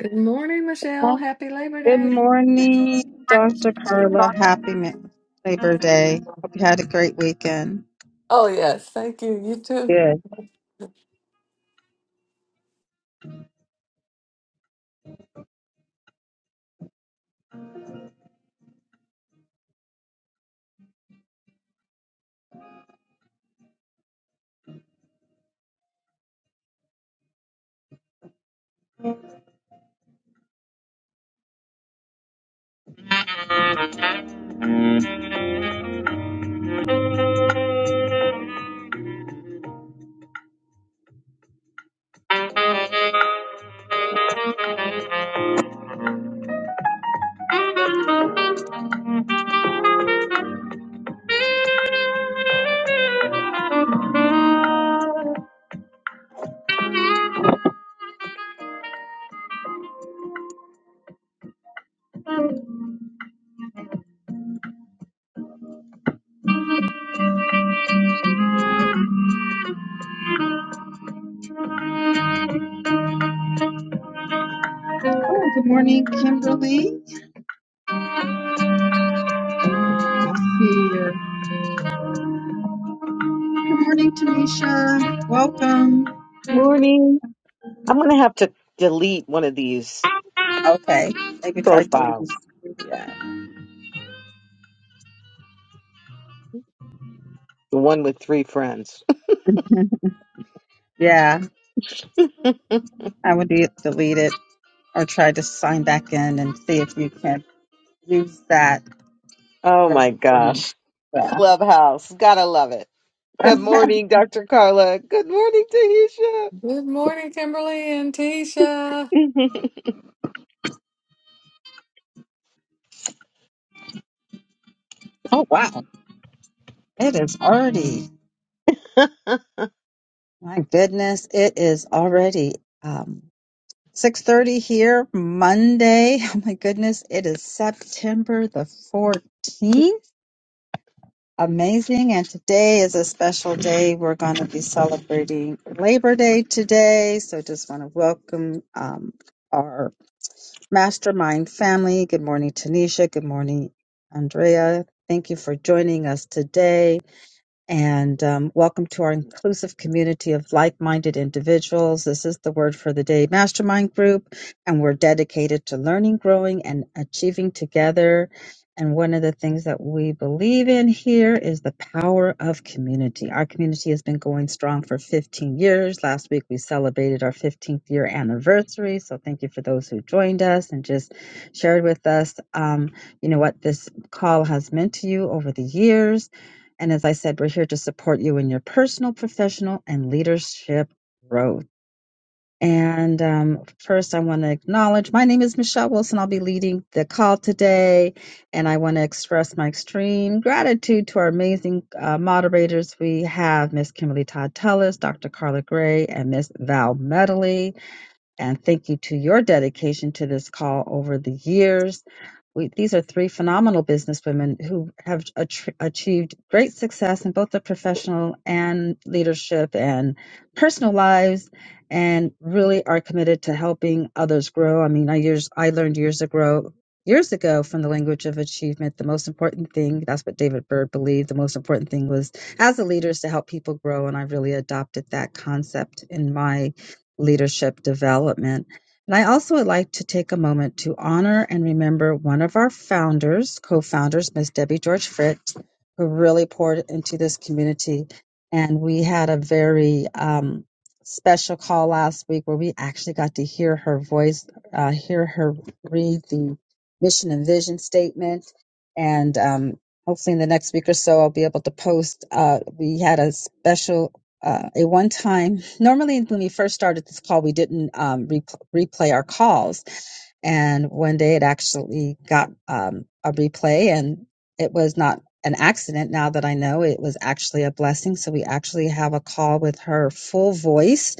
Good morning, Michelle. Good Happy Labor Day. morning, Dr. Carla. Happy Ma- Labor Day. Hope you had a great weekend. Oh, Good. Oh, good morning, Kimberly. Good to see you. Good morning, Tanisha. Welcome. Morning. I'm going to have to delete one of these Okay, maybe try deleting. profiles, Yeah, the one with three friends. yeah. I would de- delete it or try to sign back in and see if you can use that. Oh Your my username. gosh. Yeah. Clubhouse. Gotta love it. Good morning, Dr. Carla. Good morning, Good morning, Kimberly and Tisha. Tahisha. oh wow, it is already. My goodness, it is already um, 6:30 here, Monday. Oh my goodness, it is September the 14th. Amazing, and today is a special day. We're going to be celebrating Labor Day today, so just want to welcome um, our mastermind family. Good morning, Tanisha. Good morning, Andrea. Thank you for joining us today. And um, welcome to our inclusive community of like minded individuals. This is the Word for the Day Mastermind Group, and we're dedicated to learning, growing, and achieving together. And one of the things that we believe in here is the power of community. Our community has been going strong for 15 years. Last week we celebrated our 15th year anniversary. So thank you for those who joined us and just shared with us, um, you know, what this call has meant to you over the years and as I said, we're here to support you in your personal, professional, and leadership growth. And um, first, I want to acknowledge my name is Michelle Wilson. I'll be leading the call today. And I want to express my extreme gratitude to our amazing uh, moderators. We have Miss Kimberly Todd Tellis, Dr. Carla Gray, and Miss Val Medley. And thank you to your dedication to this call over the years we, these are three phenomenal businesswomen who have atr- achieved great success in both their professional and leadership and personal lives and really are committed to helping others grow. I mean, I years I learned years ago years ago from the language of achievement the most important thing that's what David Bird believed the most important thing was as a leader is to help people grow and I really adopted that concept in my leadership development and I also would like to take a moment to honor and remember one of our founders, co-founders, Miss Debbie George Fritz, who really poured into this community. And we had a very um, special call last week where we actually got to hear her voice, uh, hear her read the mission and vision statement. And um, hopefully in the next week or so, I'll be able to post. Uh, we had a special uh, a one time normally when we first started this call we didn't um, replay replay our calls. And one day it actually got um, a replay, and it was not an accident now that I know it was actually a blessing. So we actually have a call with her full voice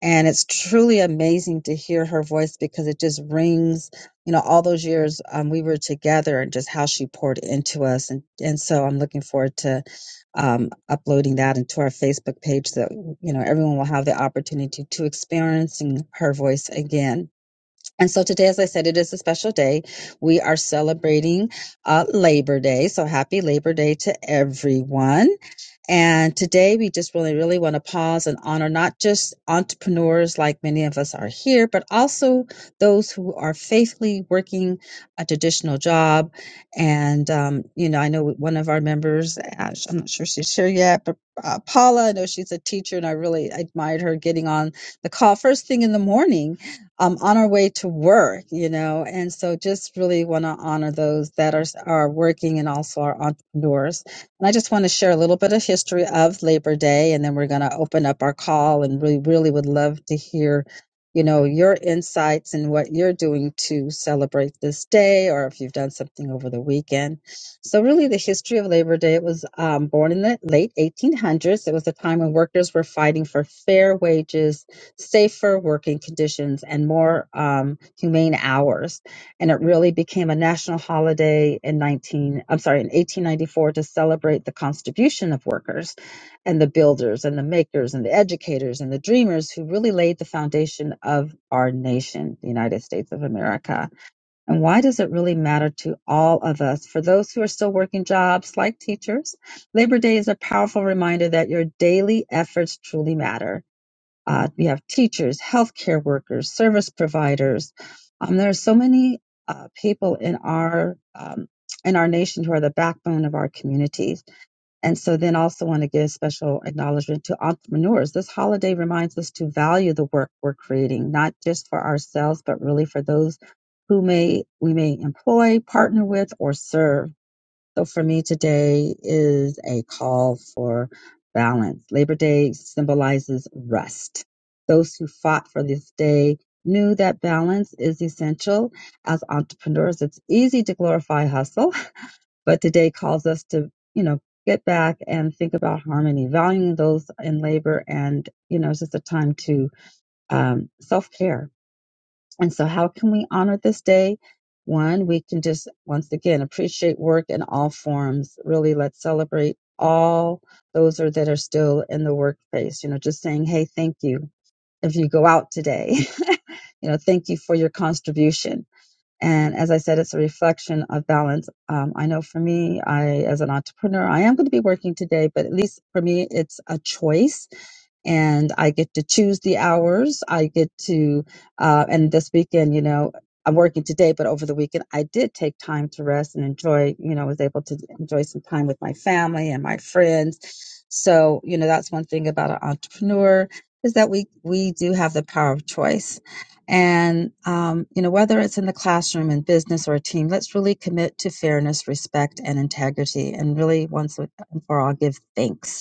and it's truly amazing to hear her voice because it just rings you know all those years um, we were together and just how she poured into us and and so i'm looking forward to um, uploading that into our facebook page so that you know everyone will have the opportunity to experiencing her voice again and so today as i said it is a special day we are celebrating uh, labor day so happy labor day to everyone and today we just really, really want to pause and honor not just entrepreneurs like many of us are here, but also those who are faithfully working a traditional job. And, um, you know, I know one of our members, uh, sh- I'm not sure she's here yet, but uh, Paula, I know she's a teacher and I really admired her getting on the call first thing in the morning um, on our way to work, you know. And so just really want to honor those that are, are working and also our entrepreneurs. And I just want to share a little bit of history of Labor Day, and then we're going to open up our call. And we really would love to hear, you know, your insights and what you're doing to celebrate this day, or if you've done something over the weekend. So, really, the history of Labor Day it was um, born in the late 1800s. It was a time when workers were fighting for fair wages, safer working conditions, and more um, humane hours and it really became a national holiday in 19 I'm sorry in 1894 to celebrate the contribution of workers and the builders and the makers and the educators and the dreamers who really laid the foundation of our nation the United States of America and why does it really matter to all of us for those who are still working jobs like teachers labor day is a powerful reminder that your daily efforts truly matter uh, we have teachers, healthcare workers, service providers. Um, there are so many uh, people in our um, in our nation who are the backbone of our communities. And so, then also want to give special acknowledgement to entrepreneurs. This holiday reminds us to value the work we're creating, not just for ourselves, but really for those who may we may employ, partner with, or serve. So for me today is a call for balance. Labor Day symbolizes rest. Those who fought for this day knew that balance is essential. As entrepreneurs, it's easy to glorify hustle, but today calls us to, you know, get back and think about harmony, valuing those in labor and, you know, it's just a time to um, self-care and so, how can we honor this day? One, we can just once again appreciate work in all forms. Really, let's celebrate all those are, that are still in the workplace. You know, just saying, hey, thank you if you go out today. you know, thank you for your contribution. And as I said, it's a reflection of balance. Um, I know for me, I as an entrepreneur, I am going to be working today, but at least for me, it's a choice and I get to choose the hours. I get to, uh, and this weekend, you know, I'm working today, but over the weekend, I did take time to rest and enjoy, you know, was able to enjoy some time with my family and my friends. So, you know, that's one thing about an entrepreneur is that we, we do have the power of choice. And, um, you know, whether it's in the classroom, in business, or a team, let's really commit to fairness, respect, and integrity. And really, once and for all, give thanks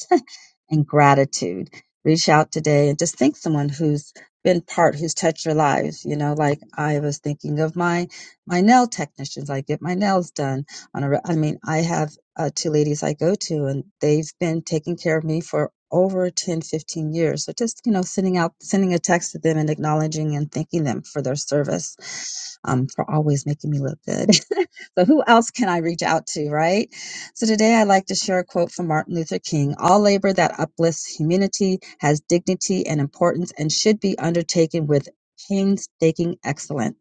and gratitude. Reach out today and just think someone who's been part, who's touched your lives. You know, like I was thinking of my my nail technicians. I get my nails done on a. re- I mean, I have uh, two ladies I go to, and they've been taking care of me for over 10, 15 years so just you know sending out sending a text to them and acknowledging and thanking them for their service um, for always making me look good so who else can i reach out to right so today I'd like to share a quote from Martin Luther King All labor that uplifts humanity has dignity and importance and should be undertaken with painstaking excellence.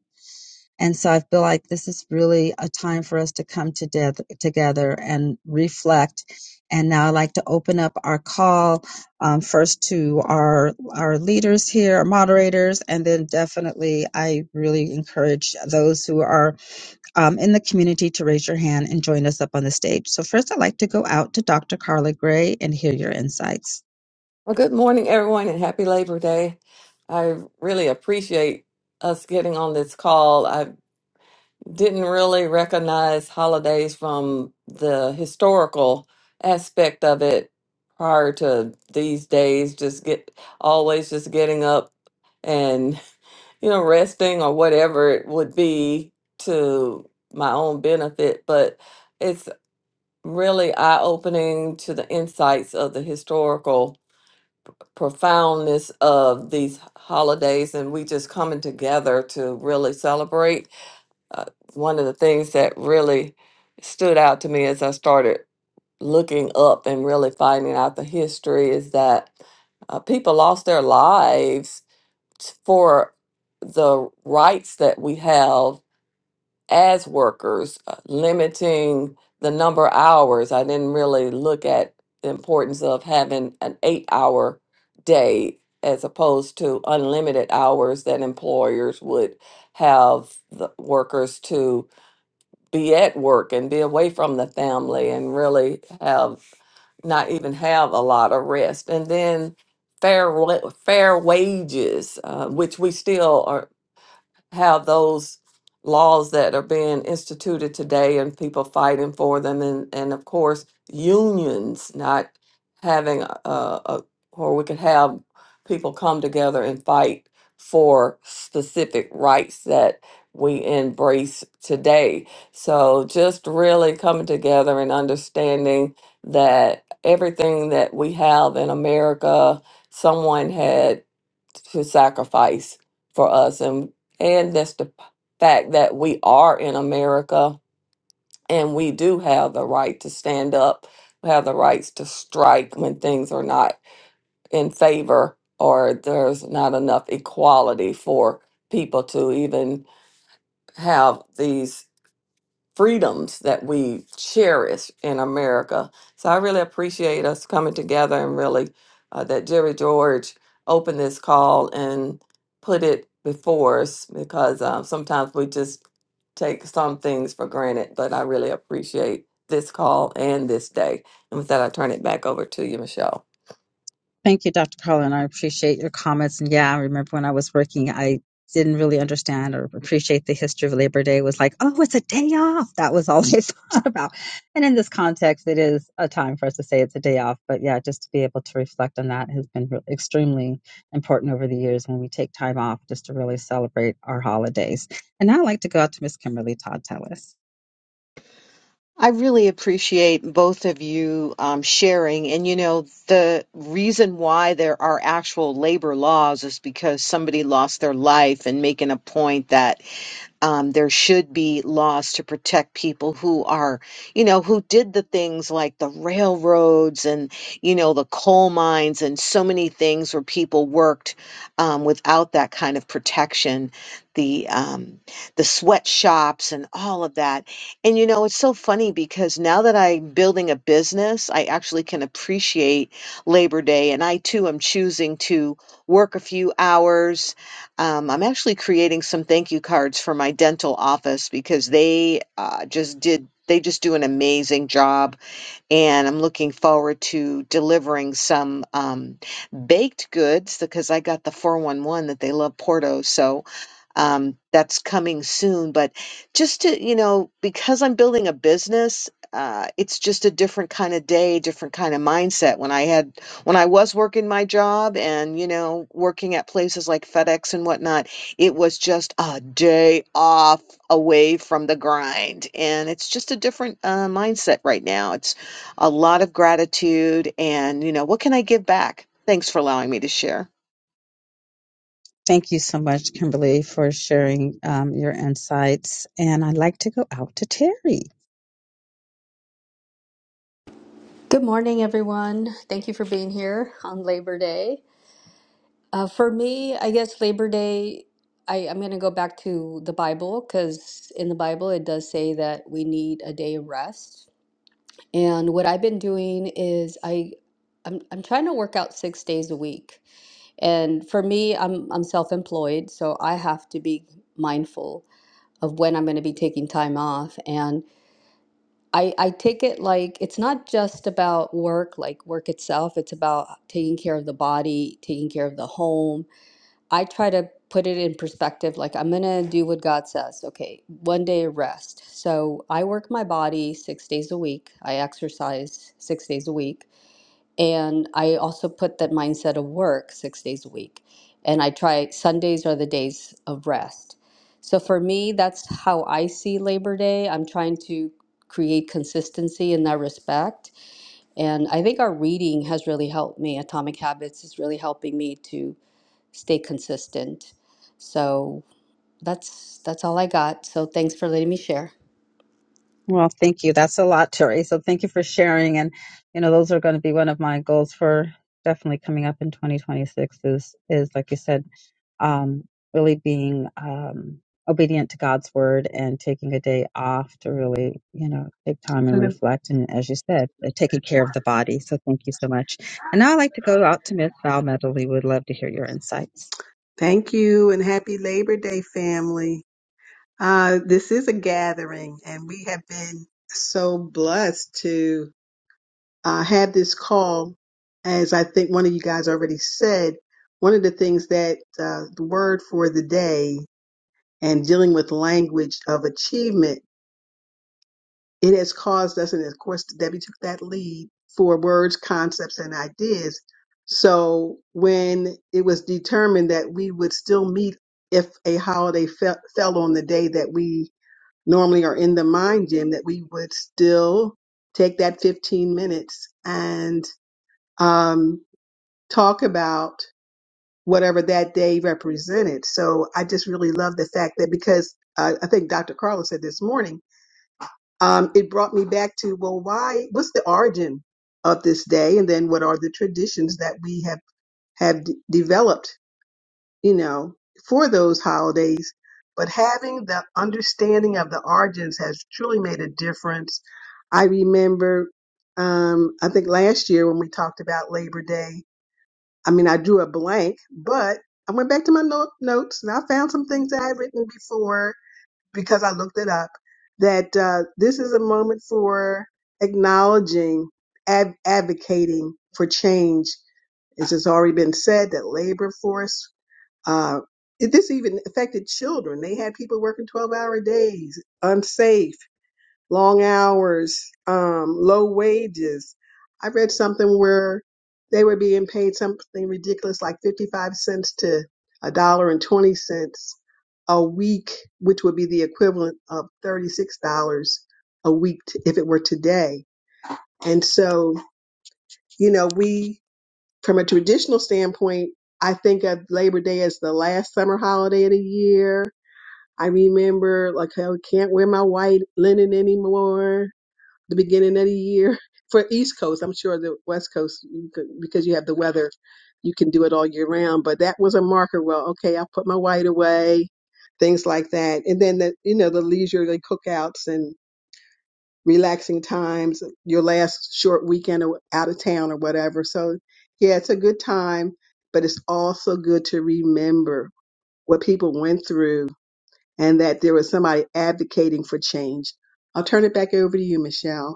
And so I feel like this is really a time for us to come together, together and reflect. And now I'd like to open up our call um, first to our our leaders here, our moderators, and then definitely I really encourage those who are um, in the community to raise your hand and join us up on the stage. So, first, I'd like to go out to Dr. Carla Gray and hear your insights. well, good morning, everyone, and happy Labor Day. I really appreciate us getting on this call. I didn't really recognize holidays from the historical aspect of it prior to these days, just get always just getting up and, you know, resting or whatever it would be to my own benefit. But it's. really eye-opening to the insights of the historical profoundness of these holidays and we just coming together to really celebrate uh, one of the things that really stood out to me as i started looking up and really finding out the history is that uh, people lost their lives t- for the rights that we have as workers, uh, limiting the number of hours. I didn't really look at the importance of having an eight hour day as opposed to unlimited hours that employers would have the workers to be at work and be away from the family and really have not even have a lot of rest. And then fair wa- fair wages, uh, which we still are how those laws that are being instituted today and people fighting for them and, and of course unions not having a, a where we could have people come together and fight for specific rights that we embrace today so just really coming together and understanding that everything that we have in america someone had to sacrifice for us and and that's the p- fact that we are in America and we do have the right to stand up we have the rights to strike when things are not in favor or there's not enough equality for people to even have these freedoms that we cherish in America. So I really appreciate us coming together and really uh, that Jerry George opened this call and put it before us because uh, sometimes we just take some things for granted. But I really appreciate this call and this day. And with that, I turn it back over to you, Michelle. Thank you, Dr. Carlin. I appreciate your comments. And yeah, I remember when I was working, I didn't really understand or appreciate the history of Labor Day. It was like, oh, it's a day off. That was all I thought about. And in this context, it is a time for us to say it's a day off. But yeah, just to be able to reflect on that has been re- extremely important over the years when we take time off just to really celebrate our holidays. And now I'd like to go out to Miss Kimberly Todd Tellis. I really appreciate both of you um, sharing. And you know, the reason why there are actual labor laws is because somebody lost their life and making a point that Um, there should be laws to protect people who are, you know, who did the things like the railroads and, you know, the coal mines and so many things where people worked um, without that kind of protection. The um, the sweatshops and all of that. And you know, it's so funny because now that I'm building a business, I actually can appreciate Labor Day, and I too am choosing to work a few hours um, I'm actually creating some thank you cards for my dental office because they uh, just did they just do an amazing job and I'm looking forward to delivering some um, baked goods because I got the 411 that they love Porto. So um, that's coming soon. But just to, you know, because I'm building a business, uh, it's just a different kind of day, different kind of mindset. When I had, when I was working my job and, you know, working at places like FedEx and whatnot, it was just a day off away from the grind. And it's just a different uh, mindset right now. It's a lot of gratitude and, you know, what can I give back? Thanks for allowing me to share. Thank you so much, Kimberly, for sharing um, your insights. And I'd like to go out to Terry. Good morning, everyone. Thank you for being here on Labor Day. Uh, for me, I guess Labor Day, I, I'm going to go back to the Bible because in the Bible it does say that we need a day of rest. And what I've been doing is I, I'm, I'm trying to work out six days a week. And for me, I'm, I'm self-employed, so I have to be mindful of when I'm going to be taking time off. and. I, I take it like it's not just about work, like work itself. It's about taking care of the body, taking care of the home. I try to put it in perspective, like I'm gonna do what God says. Okay, one day of rest. So I work my body six days a week. I exercise six days a week. And I also put that mindset of work six days a week. And I try Sundays are the days of rest. So for me, that's how I see Labor Day. I'm trying to create consistency in that respect. And I think our reading has really helped me. Atomic Habits is really helping me to stay consistent. So that's that's all I got. So thanks for letting me share. Well, thank you. That's a lot, Terry. So thank you for sharing. And you know, those are going to be one of my goals for definitely coming up in 2026. Is is like you said, um, really being um, obedient to God's word and taking a day off to really, you know, take time and Hello. reflect. And as you said, uh, taking care of the body. So thank you so much. And now I'd like to go out to Miss Val Medley. Would love to hear your insights. Thank you and happy Labor Day, family. Uh, this is a gathering, and we have been so blessed to uh, have this call. As I think one of you guys already said, one of the things that uh, the word for the day and dealing with language of achievement It has caused us, and of course, Debbie took that lead for words, concepts, and ideas. So when it was determined that we would still meet if a holiday fell, fell on the day that we normally are in the mind gym, that we would still take that 15 minutes and um, talk about whatever that day represented. So I just really love the fact that because uh, I think Dr. Carla said this morning, um, it brought me back to well why what's the origin of this day and then what are the traditions that we have have d- developed you know for those holidays but having the understanding of the origins has truly made a difference i remember um, i think last year when we talked about labor day i mean i drew a blank but i went back to my note, notes and i found some things that i had written before because I looked it up, that uh, this is a moment for acknowledging, ad- advocating for change. It's just already been said that labor force, uh, it- this even affected children. They had people working 12 hour days, unsafe long hours, um, low wages. I read something where they were being paid something ridiculous like 55 cents to a dollar and 20 cents a week, which would be the equivalent of $36 a week t- if it were today. And so, you know, we, from a traditional standpoint, I think of Labor Day as the last summer holiday of the year. I remember, like, I can't wear my white linen anymore the beginning of the year for East Coast. I'm sure the West Coast, you could, because you have the weather, you can do it all year round. But that was a marker. Well, okay, I put my white away, things like that. And then the you know the leisurely cookouts and relaxing times, your last short weekend or out of town or whatever. So yeah, it's a good time, but it's also good to remember what people went through and that there was somebody advocating for change. I'll turn it back over to you, Michelle.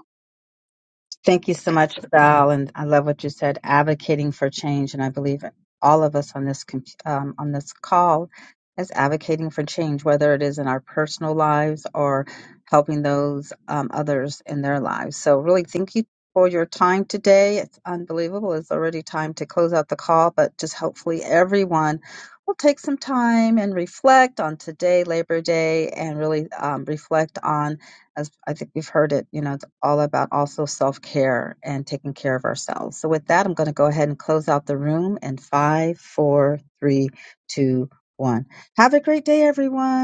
Thank you so much, Val, and I love what you said, advocating for change. And I believe all of us on this com- um, on this call is advocating for change, whether it is in our personal lives or helping those um, others in their lives. So, really, thank you for your time today. It's unbelievable. It's already time to close out the call, but just hopefully everyone will take some time and reflect on today, Labor Day, and really um, reflect on as I think we've heard it, you know, it's all about also self care and taking care of ourselves. So, with that, I'm going to go ahead and close out the room in five, four, three, two, one. Have a great day, everyone.